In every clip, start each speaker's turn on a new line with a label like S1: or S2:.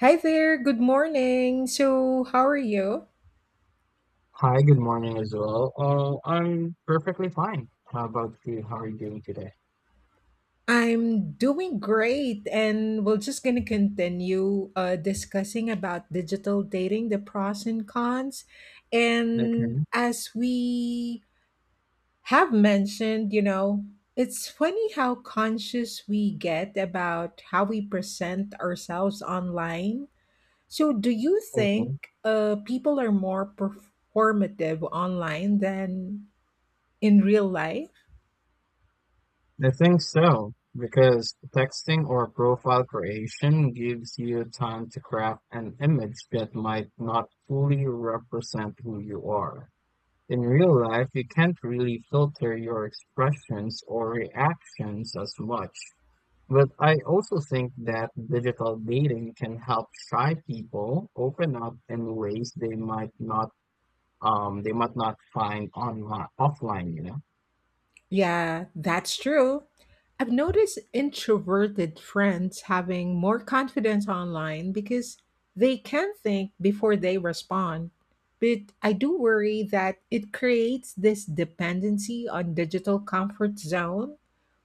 S1: Hi there, good morning. So, how are you?
S2: Hi, good morning as well. I'm perfectly fine. How about you? How are you doing today?
S1: I'm doing great, and we're just going to continue discussing about digital dating, the pros and cons. And
S2: Okay.
S1: as we have mentioned, you know, it's funny how conscious we get about how we present ourselves online. So, do you think
S2: Mhm.
S1: people are more performative online than in real life?
S2: I think so, because texting or profile creation gives you time to craft an image that might not fully represent who you are. In real life, you can't really filter your expressions or reactions as much. But I also think that digital dating can help shy people open up in ways they might not find online offline, you know.
S1: Yeah, that's true. I've noticed introverted friends having more confidence online because they can think before they respond. But I do worry that it creates this dependency on digital comfort zone.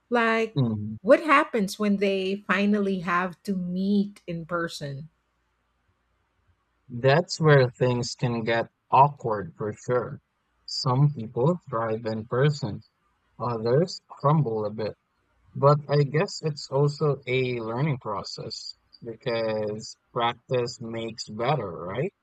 S1: Like,
S2: Mm.
S1: what happens when they finally have to meet in person?
S2: That's where things can get awkward for sure. Some people thrive in person, others crumble a bit. But I guess it's also a learning process because practice makes better, right?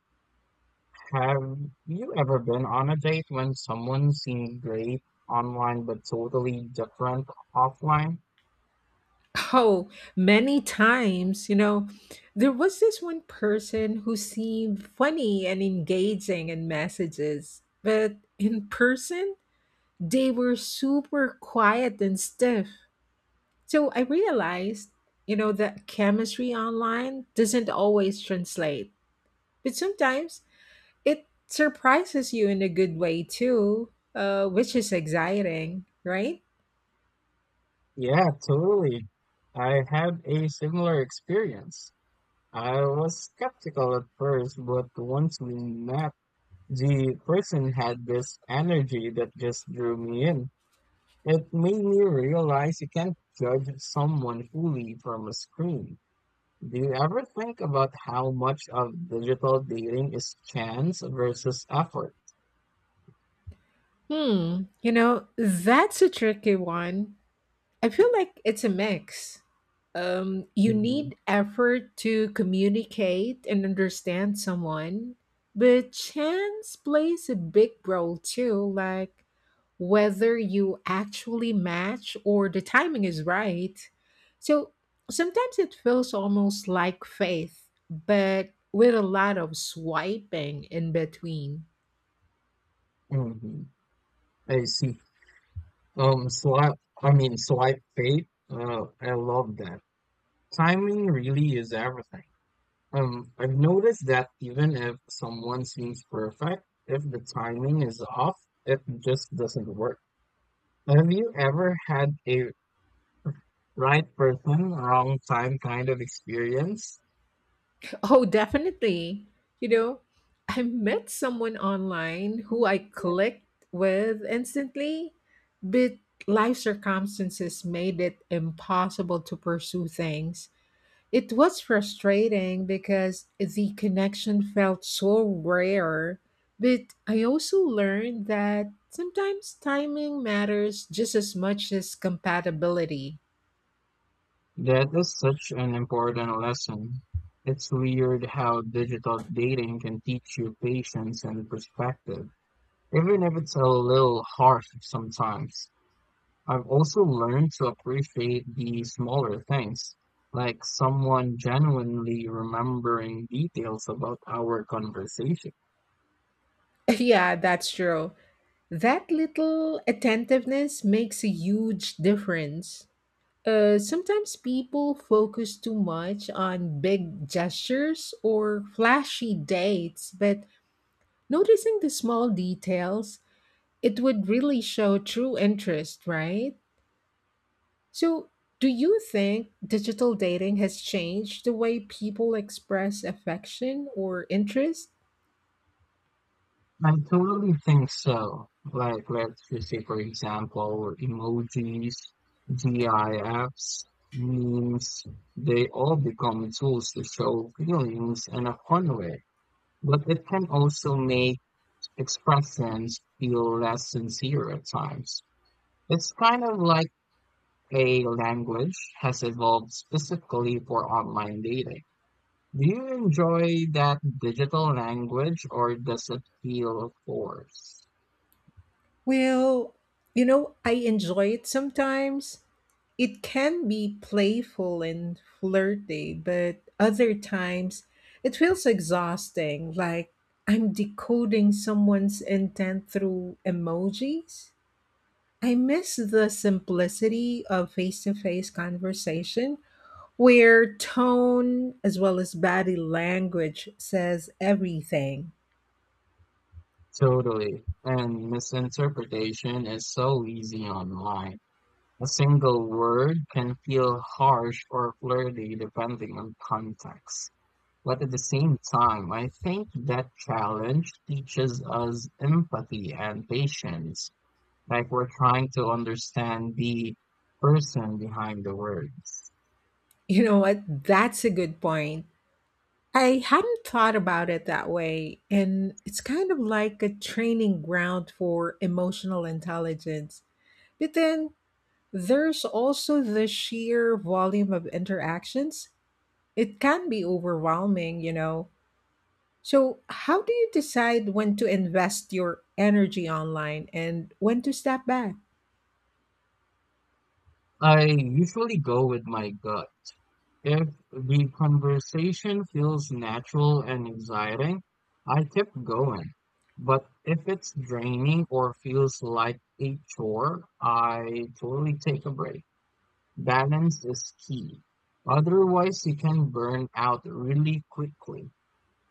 S2: Have you ever been on a date when someone seemed great online but totally different offline?
S1: Oh, many times, you know, there was this one person who seemed funny and engaging in messages, but in person, they were super quiet and stiff. So I realized, you know, that chemistry online doesn't always translate, but sometimes it surprises you in a good way too, which is exciting, right?
S2: Yeah, totally. I had a similar experience. I was skeptical at first, but once we met, the person had this energy that just drew me in. It made me realize you can't judge someone fully from a screen. Do you ever think about how much of digital dating is chance versus effort?
S1: Hmm, you know, that's a tricky one. I feel like it's a mix. You
S2: Hmm.
S1: need effort to communicate and understand someone, but chance plays a big role too, like whether you actually match or the timing is right. So sometimes it feels almost like faith, but with a lot of swiping in between.
S2: Hmm, I see. Swipe, I mean, swipe fate. I love that. Timing really is everything. I've noticed that even if someone seems perfect, if the timing is off, it just doesn't work. Have you ever had a right person, wrong time kind of experience?
S1: Oh, definitely. You know, I met someone online who I clicked with instantly, but life circumstances made it impossible to pursue things. It was frustrating because the connection felt so rare, but I also learned that sometimes timing matters just as much as compatibility.
S2: That is such an important lesson. It's weird how digital dating can teach you patience and perspective, even if it's a little harsh sometimes. I've also learned to appreciate the smaller things, like someone genuinely remembering details about our conversation.
S1: Yeah, that's true. That little attentiveness makes a huge difference. Sometimes people focus too much on big gestures or flashy dates, but noticing the small details, it would really show true interest, right? So, do you think digital dating has changed the way people express affection or interest?
S2: I totally think so. Like, let's just say, for example, emojis, GIFs, memes, they all become tools to show feelings in a fun way, but it can also make expressions feel less sincere at times. It's kind of like a language has evolved specifically for online dating. Do you enjoy that digital language or does it feel forced?
S1: Well, you know, I enjoy it sometimes. It can be playful and flirty, but other times it feels exhausting, like I'm decoding someone's intent through emojis. I miss the simplicity of face to face conversation where tone as well as body language says everything.
S2: Totally. And misinterpretation is so easy online. A single word can feel harsh or flirty depending on context. But at the same time, I think that challenge teaches us empathy and patience, like we're trying to understand the person behind the words.
S1: You know what? That's a good point. I hadn't thought about it that way, and it's kind of like a training ground for emotional intelligence. But then there's also the sheer volume of interactions. It can be overwhelming, you know. So, how do you decide when to invest your energy online and when to step back?
S2: I usually go with my gut. If the conversation feels natural and exciting, I keep going. But if it's draining or feels like a chore, I totally take a break. Balance is key. Otherwise, you can burn out really quickly.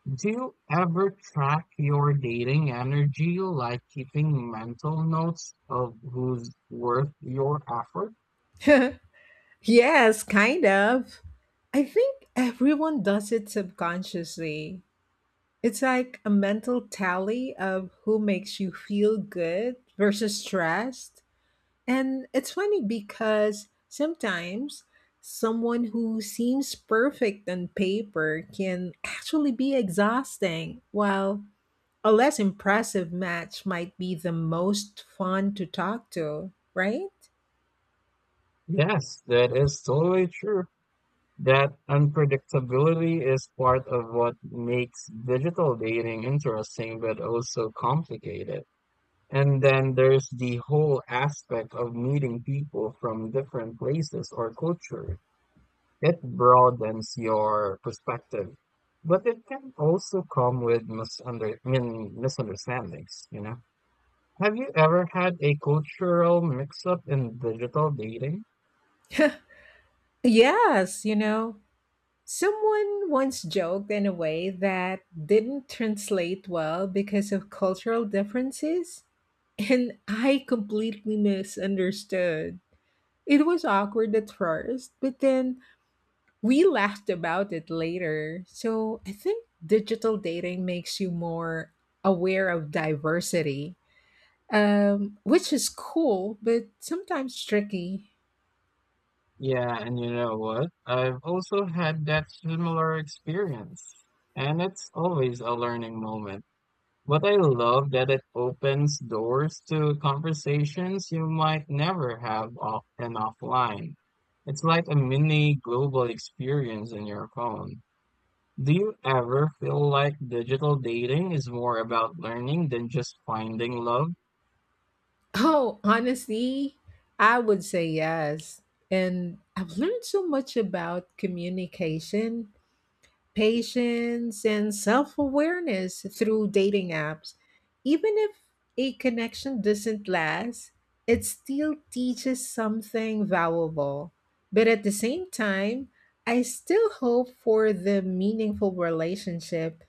S2: Do you ever track your dating energy, like keeping mental notes of who's worth your effort?
S1: Yes, kind of. I think everyone does it subconsciously. It's like a mental tally of who makes you feel good versus stressed. And it's funny because sometimes someone who seems perfect on paper can actually be exhausting, while a less impressive match might be the most fun to talk to, right?
S2: Yes, that is totally true. That unpredictability is part of what makes digital dating interesting but also complicated. And then there's the whole aspect of meeting people from different places or culture. It broadens your perspective, but it can also come with misunderstandings, you know? Have you ever had a cultural mix-up in digital dating?
S1: Yes, you know, someone once joked in a way that didn't translate well because of cultural differences, and I completely misunderstood. It was awkward at first, but then we laughed about it later. So I think digital dating makes you more aware of diversity, which is cool, but sometimes tricky.
S2: Yeah, and you know what? I've also had that similar experience, and it's always a learning moment. But I love that it opens doors to conversations you might never have off and offline. It's like a mini global experience in your phone. Do you ever feel like digital dating is more about learning than just finding love?
S1: Oh, honestly, I would say yes. And I've learned so much about communication, patience, and self awareness through dating apps. Even if a connection doesn't last, it still teaches something valuable. But at the same time, I still hope for the meaningful relationship.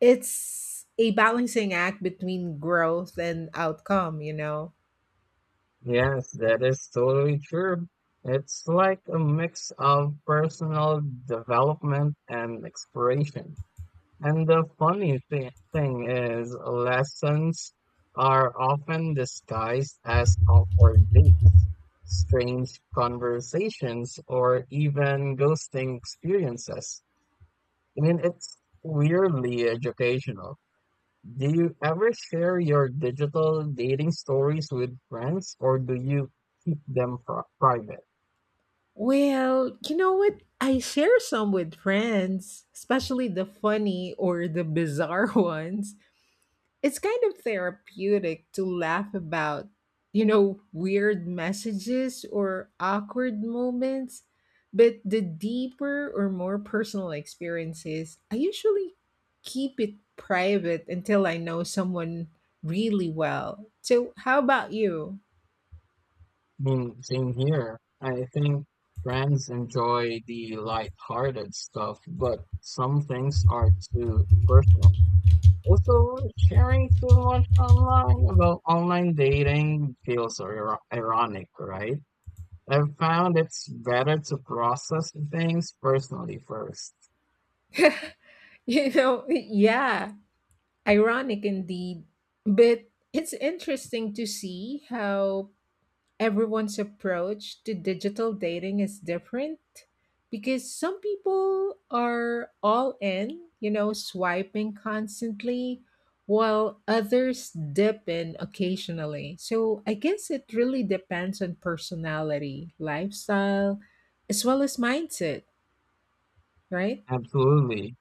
S1: It's a balancing act between growth and outcome, you know?
S2: Yes, that is totally true. It's like a mix of personal development and exploration. And the funny thing is, lessons are often disguised as awkward dates, strange conversations, or even ghosting experiences. I mean, it's weirdly educational. Do you ever share your digital dating stories with friends or do you keep them private?
S1: Well, you know what? I share some with friends, especially the funny or the bizarre ones. It's kind of therapeutic to laugh about, you know, weird messages or awkward moments. But the deeper or more personal experiences, I usually keep it private until I know someone really well. So, how about you?
S2: I mean, same here. I think friends enjoy the lighthearted stuff, but some things are too personal. Also, sharing too much online about online dating feels ir ironic, right? I've found it's better to process things personally first.
S1: You know, yeah. Ironic indeed, but it's interesting to see how everyone's approach to digital dating is different because some people are all in, you know, swiping constantly, while others dip in occasionally. So I guess it really depends on personality, lifestyle, as well as mindset, right?
S2: Absolutely.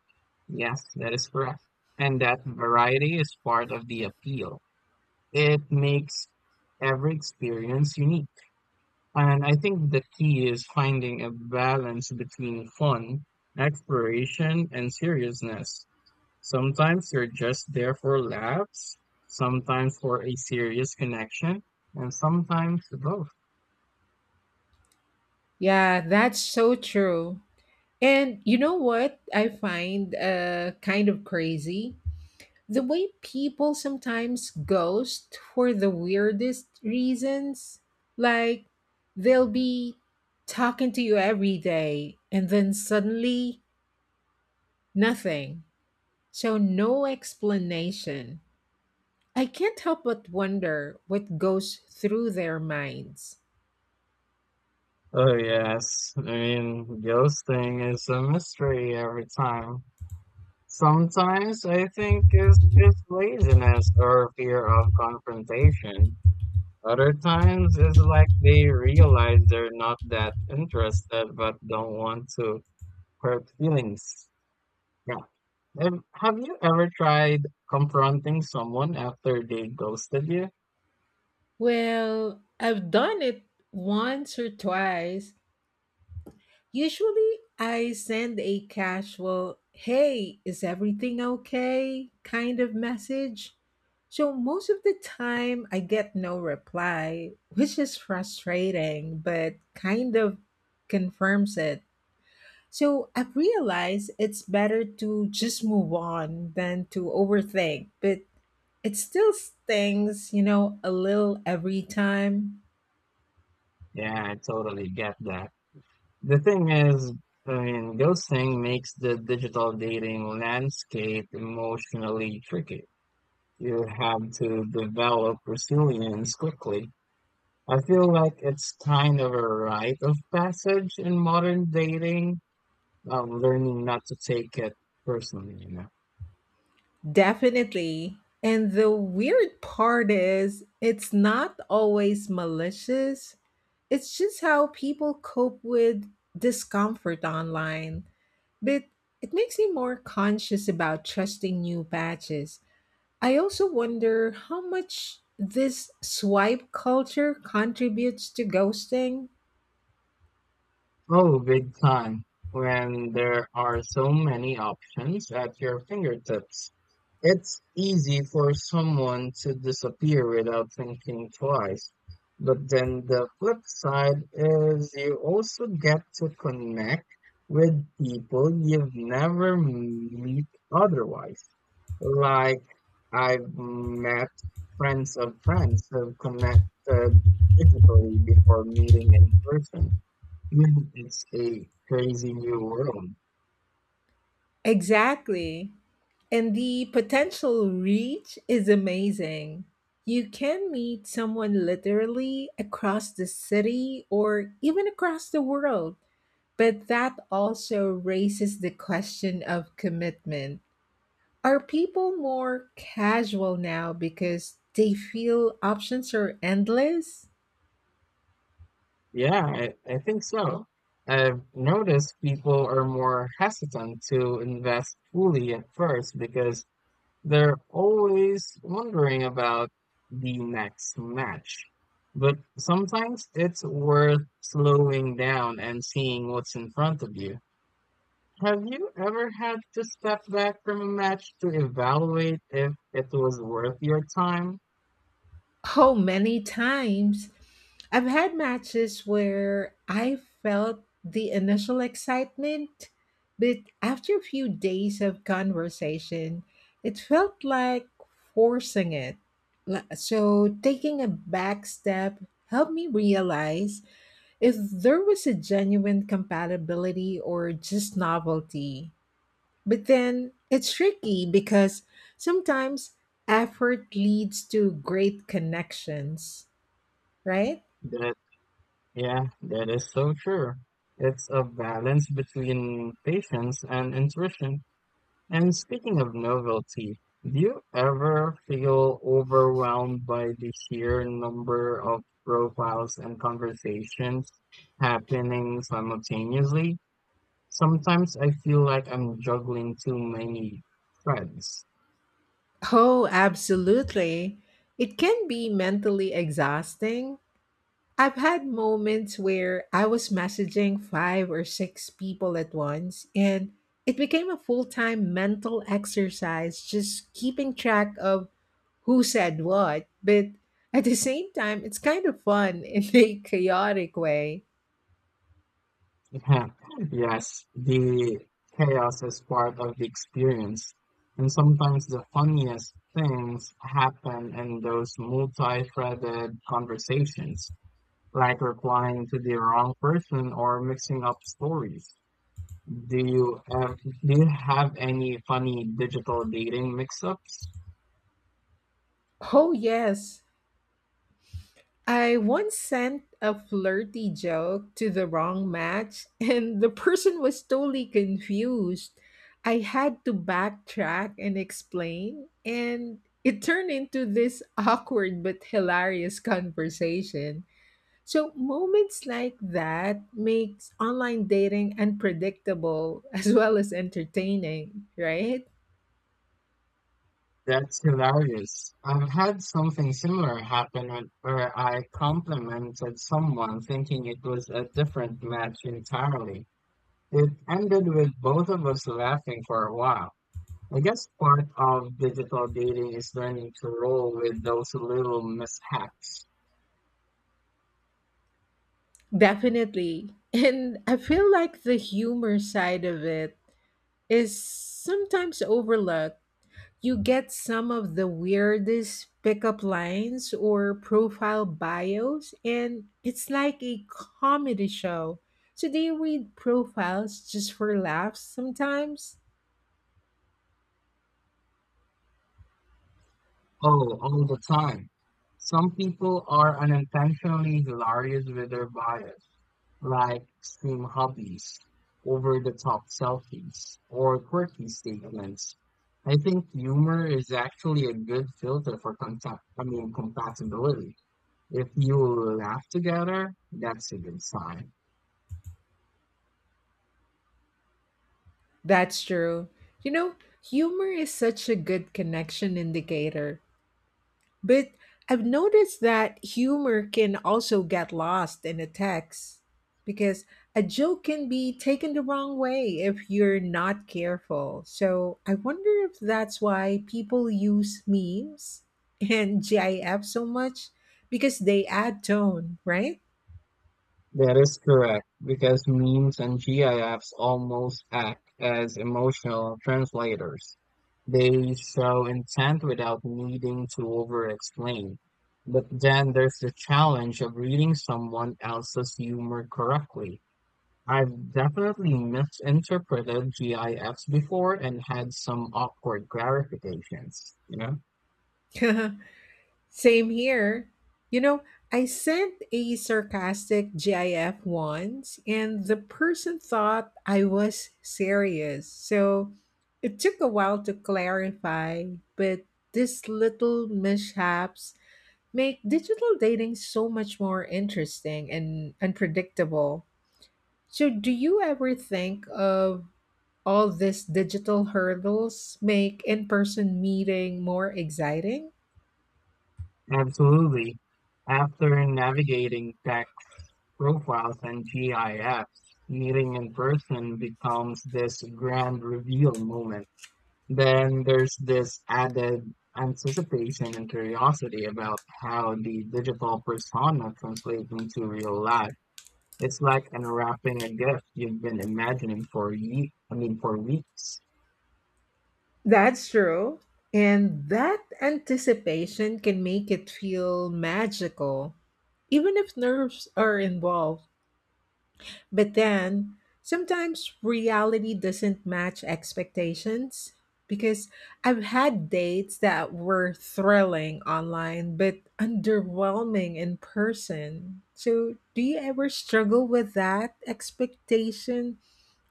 S2: Yes, that is correct. And that variety is part of the appeal. It makes every experience unique. And I think the key is finding a balance between fun, exploration, and seriousness. Sometimes you're just there for laughs, sometimes for a serious connection, and sometimes both.
S1: Yeah, that's so true. And you know what I find kind of crazy? The way people sometimes ghost for the weirdest reasons. Like, they'll be talking to you every day and then suddenly nothing. So, no explanation. I can't help but wonder what goes through their minds.
S2: Oh, yes. I mean, ghosting is a mystery every time. Sometimes I think it's just laziness or fear of confrontation. Other times it's like they realize they're not that interested but don't want to hurt feelings. Yeah. Have you ever tried confronting someone after they ghosted you?
S1: Well, I've done it once or twice. Usually, I send a casual, hey, is everything okay kind of message. So, most of the time, I get no reply, which is frustrating, but kind of confirms it. So, I've realized it's better to just move on than to overthink, but it still stings, you know, a little every time.
S2: Yeah, I totally get that. The thing is, I mean, ghosting makes the digital dating landscape emotionally tricky. You have to develop resilience quickly. I feel like it's kind of a rite of passage in modern dating, learning not to take it personally, you know.
S1: Definitely. And the weird part is, it's not always malicious. It's just how people cope with discomfort online. But it makes me more conscious about trusting new patches. I also wonder how much this swipe culture contributes to ghosting.
S2: Oh, big time. When there are so many options at your fingertips, it's easy for someone to disappear without thinking twice. But then the flip side is you also get to connect with people you've never meet otherwise. Like, I've met friends of friends who connected digitally before meeting in person. Mm, it's a crazy new world.
S1: Exactly. And the potential reach is amazing. You can meet someone literally across the city or even across the world. But that also raises the question of commitment. Are people more casual now because they feel options are endless?
S2: Yeah, I think so. I've noticed people are more hesitant to invest fully at first because they're always wondering about the next match. But sometimes it's worth slowing down and seeing what's in front of you. Have you ever had to step back from a match to evaluate if it was worth your time?
S1: Oh, many times. I've had matches where I felt the initial excitement, but after a few days of conversation, it felt like forcing it. So, taking a back step helped me realize if there was a genuine compatibility or just novelty. But then it's tricky because sometimes effort leads to great connections, right?
S2: Yeah, that is so true. It's a balance between patience and intuition. And speaking of novelty, do you ever feel overwhelmed by the sheer number of profiles and conversations happening simultaneously? Sometimes I feel like I'm juggling too many threads.
S1: Oh, absolutely. It can be mentally exhausting. I've had moments where I was messaging five or six people at once, and it became a full time mental exercise just keeping track of who said what. But at the same time, it's kind of fun in a chaotic way.
S2: Yeah, yes, the chaos is part of the experience. And sometimes the funniest things happen in those multi-threaded conversations, like replying to the wrong person or mixing up stories. Do you have any funny digital dating mix-ups?
S1: Oh, yes. I once sent a flirty joke to the wrong match, and the person was totally confused. I had to backtrack and explain, and it turned into this awkward but hilarious conversation. So moments like that makes online dating unpredictable as well as entertaining, right?
S2: That's hilarious. I've had something similar happen when- where I complimented someone thinking it was a different match entirely. It ended with both of us laughing for a while. I guess part of digital dating is learning to roll with those little mishaps.
S1: Definitely. And I feel like the humor side of it is sometimes overlooked. You get some of the weirdest pickup lines or profile bios, and it's like a comedy show. So they read profiles just for laughs sometimes?
S2: Oh, all the time. Some people are unintentionally hilarious with their bias, like extreme hobbies, over the top selfies, or quirky statements. I think humor is actually a good filter for compatibility. If you laugh together, that's a good sign.
S1: That's true. You know, humor is such a good connection indicator. But I've noticed that humor can also get lost in the text because a joke can be taken the wrong way if you're not careful. So I wonder if that's why people use memes and GIF so much because they add tone, right?
S2: That is correct, because memes and GIFs almost act as emotional translators. They show intent without needing to over-explain. But then there's the challenge of reading someone else's humor correctly. I've definitely misinterpreted GIFs before and had some awkward clarifications, you know?
S1: Same here. You know, I sent a sarcastic GIF once, and the person thought I was serious. So it took a while to clarify, but these little mishaps make digital dating so much more interesting and unpredictable. So, do you ever think of all these digital hurdles make in person meeting more exciting?
S2: Absolutely. After navigating tech profiles and GIFs, meeting in person becomes this grand reveal moment. Then there's this added anticipation and curiosity about how the digital persona translates into real life. It's like unwrapping a gift you've been imagining for ye I mean for weeks.
S1: That's true. And that anticipation can make it feel magical, even if nerves are involved. But then, sometimes reality doesn't match expectations because I've had dates that were thrilling online but underwhelming in person. So, do you ever struggle with that expectation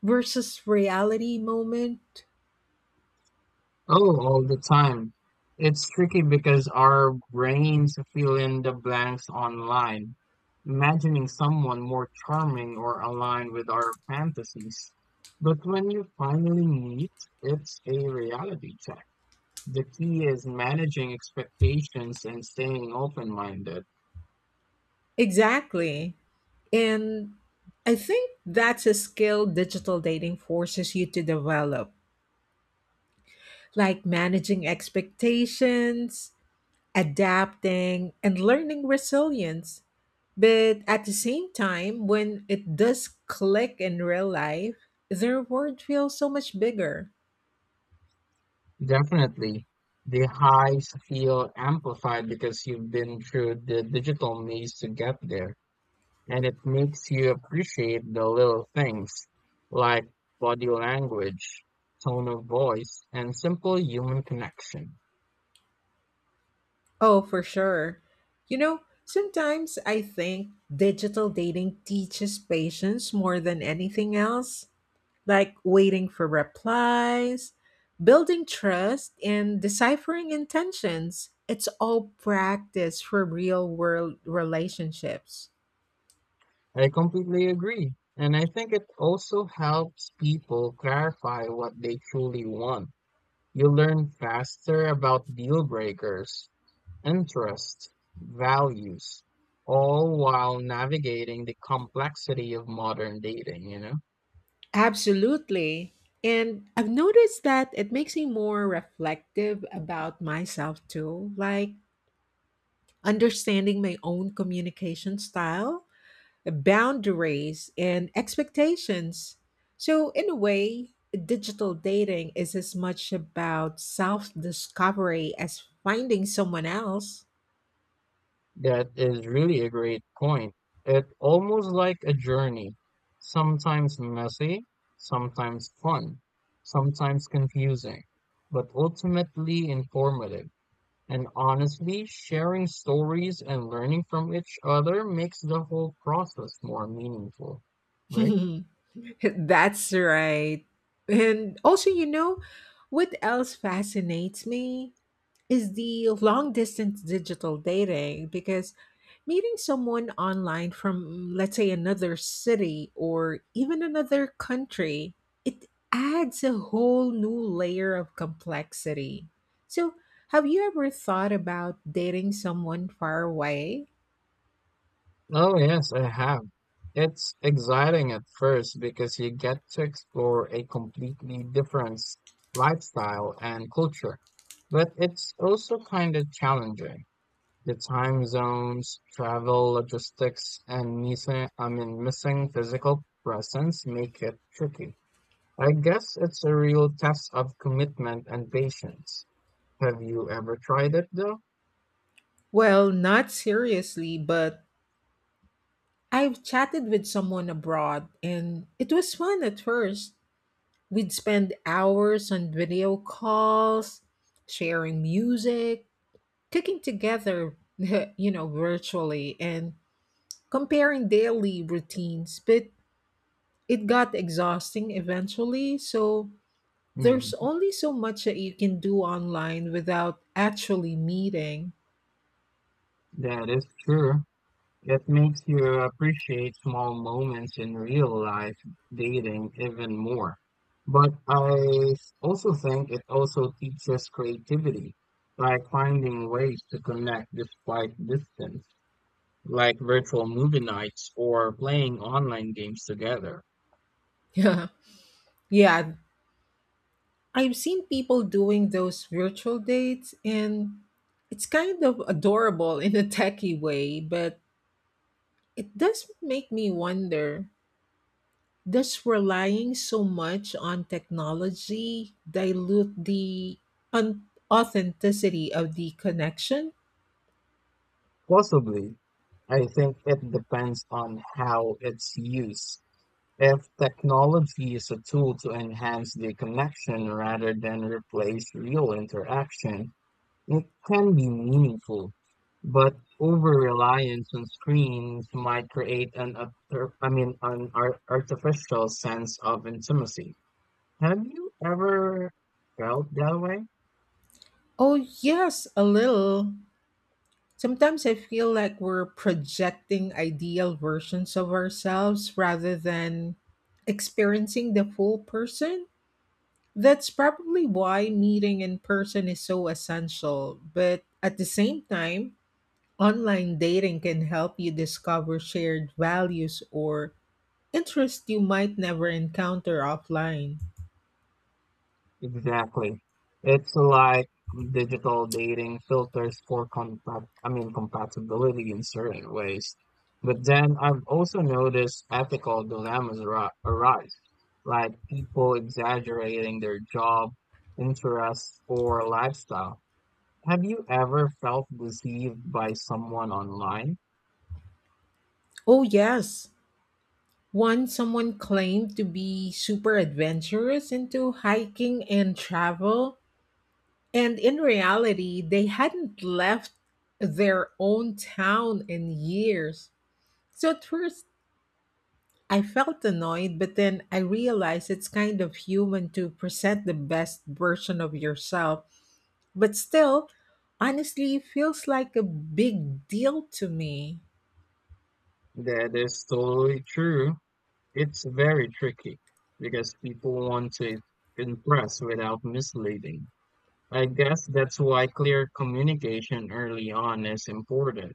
S1: versus reality moment?
S2: Oh, all the time. It's tricky because our brains fill in the blanks online, imagining someone more charming or aligned with our fantasies. But when you finally meet, it's a reality check. The key is managing expectations and staying open-minded.
S1: Exactly. And I think that's a skill digital dating forces you to develop, like managing expectations, adapting, and learning resilience. But at the same time, when it does click in real life, the reward feels so much bigger.
S2: Definitely, the highs feel amplified because you've been through the digital maze to get there. And it makes you appreciate the little things like body language, tone of voice, and simple human connection.
S1: Oh, for sure. You know, sometimes I think digital dating teaches patience more than anything else, like waiting for replies, building trust, and deciphering intentions. It's all practice for real world relationships.
S2: I completely agree. And I think it also helps people clarify what they truly want. You learn faster about deal breakers, interests, values, all while navigating the complexity of modern dating, you know?
S1: Absolutely. And I've noticed that it makes me more reflective about myself too, like understanding my own communication style, boundaries, and expectations. So, in a way, digital dating is as much about self discovery as finding someone else.
S2: That is really a great point. It's almost like a journey, sometimes messy, sometimes fun, sometimes confusing, but ultimately informative. And honestly, sharing stories and learning from each other makes the whole process more meaningful, right?
S1: That's right. And also, you know, what else fascinates me is the long distance digital dating because meeting someone online from, let's say, another city or even another country, it adds a whole new layer of complexity. So, have you ever thought about dating someone far away?
S2: Oh, yes, I have. It's exciting at first because you get to explore a completely different s- lifestyle and culture, but it's also kind of challenging. The time zones, travel, logistics, and missing physical presence make it tricky. I guess it's a real test of commitment and patience. Have you ever tried it though?
S1: Well, not seriously, but I've chatted with someone abroad and it was fun at first. We'd spend hours on video calls, sharing music, cooking together, you know, virtually and comparing daily routines, but it got exhausting eventually. So there's
S2: Mm,
S1: only so much that you can do online without actually meeting.
S2: that is true. It makes you appreciate small moments in real life dating even more. But I also think it also teaches creativity, like finding ways to connect despite distance, like virtual movie nights or playing online games together.
S1: Yeah. Yeah. I've seen people doing those virtual dates and it's kind of adorable in a techie way, but it does make me wonder, does relying so much on technology dilute the authenticity of the connection?
S2: Possibly, I think it depends on how it's used. If technology is a tool to enhance the connection rather than replace real interaction, it can be meaningful, but over-reliance on screens might create an artificial sense of intimacy. Have you ever felt that way?
S1: Oh, yes, a little. Sometimes I feel like we're projecting ideal versions of ourselves rather than experiencing the full person. That's probably why meeting in person is so essential, but at the same time, online dating can help you discover shared values or interests you might never encounter offline.
S2: Exactly. It's like digital dating filters for compatibility in certain ways. But then I've also noticed ethical dilemmas ar arise, like people exaggerating their job, interests, or lifestyle. Have you ever felt deceived by someone online?
S1: Oh, yes. Once someone claimed to be super adventurous into hiking and travel, and in reality, they hadn't left their own town in years. So at first, I felt annoyed, but then I realized it's kind of human to present the best version of yourself. But still, honestly, it feels like a big deal to me.
S2: That is totally true. It's very tricky because people want to impress without misleading. I guess that's why clear communication early on is important.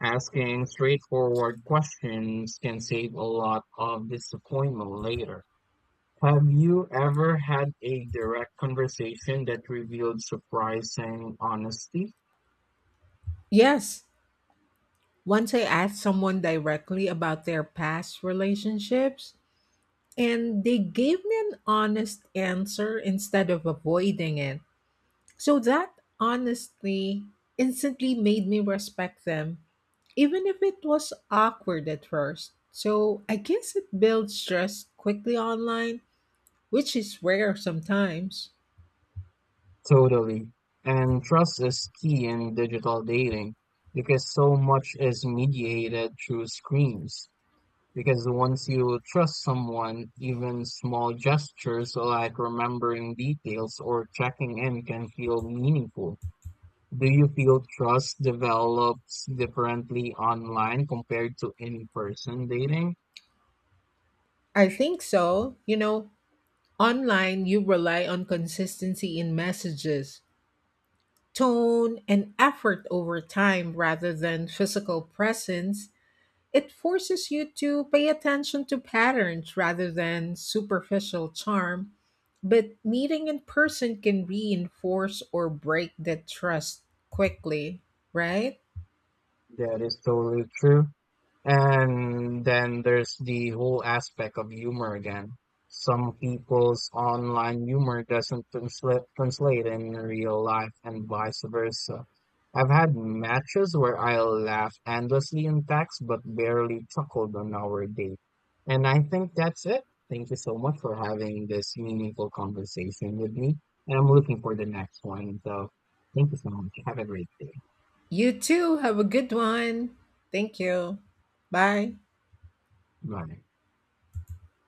S2: Asking straightforward questions can save a lot of disappointment later. Have you ever had a direct conversation that revealed surprising honesty?
S1: Yes, once I asked someone directly about their past relationships, and they gave me an honest answer instead of avoiding it. So that honestly instantly made me respect them even if it was awkward at first. So I guess it builds trust quickly online, which is rare sometimes.
S2: Totally. And trust is key in digital dating because so much is mediated through screens. Because once you trust someone, even small gestures like remembering details or checking in can feel meaningful. Do you feel trust develops differently online compared to in person dating?
S1: I think so. You know, online you rely on consistency in messages, tone, and effort over time rather than physical presence. It forces you to pay attention to patterns rather than superficial charm, but meeting in person can reinforce or break that trust quickly, right?
S2: That is totally true. And then there's the whole aspect of humor again. Some people's online humor doesn't translate in real life and vice versa. I've had matches where I laughed endlessly in text but barely chuckled on our date. And I think that's it. Thank you so much for having this meaningful conversation with me. And I'm looking for the next one. So thank you so much. Have a great day.
S1: You too, have a good one. Thank you. Bye.
S2: Bye.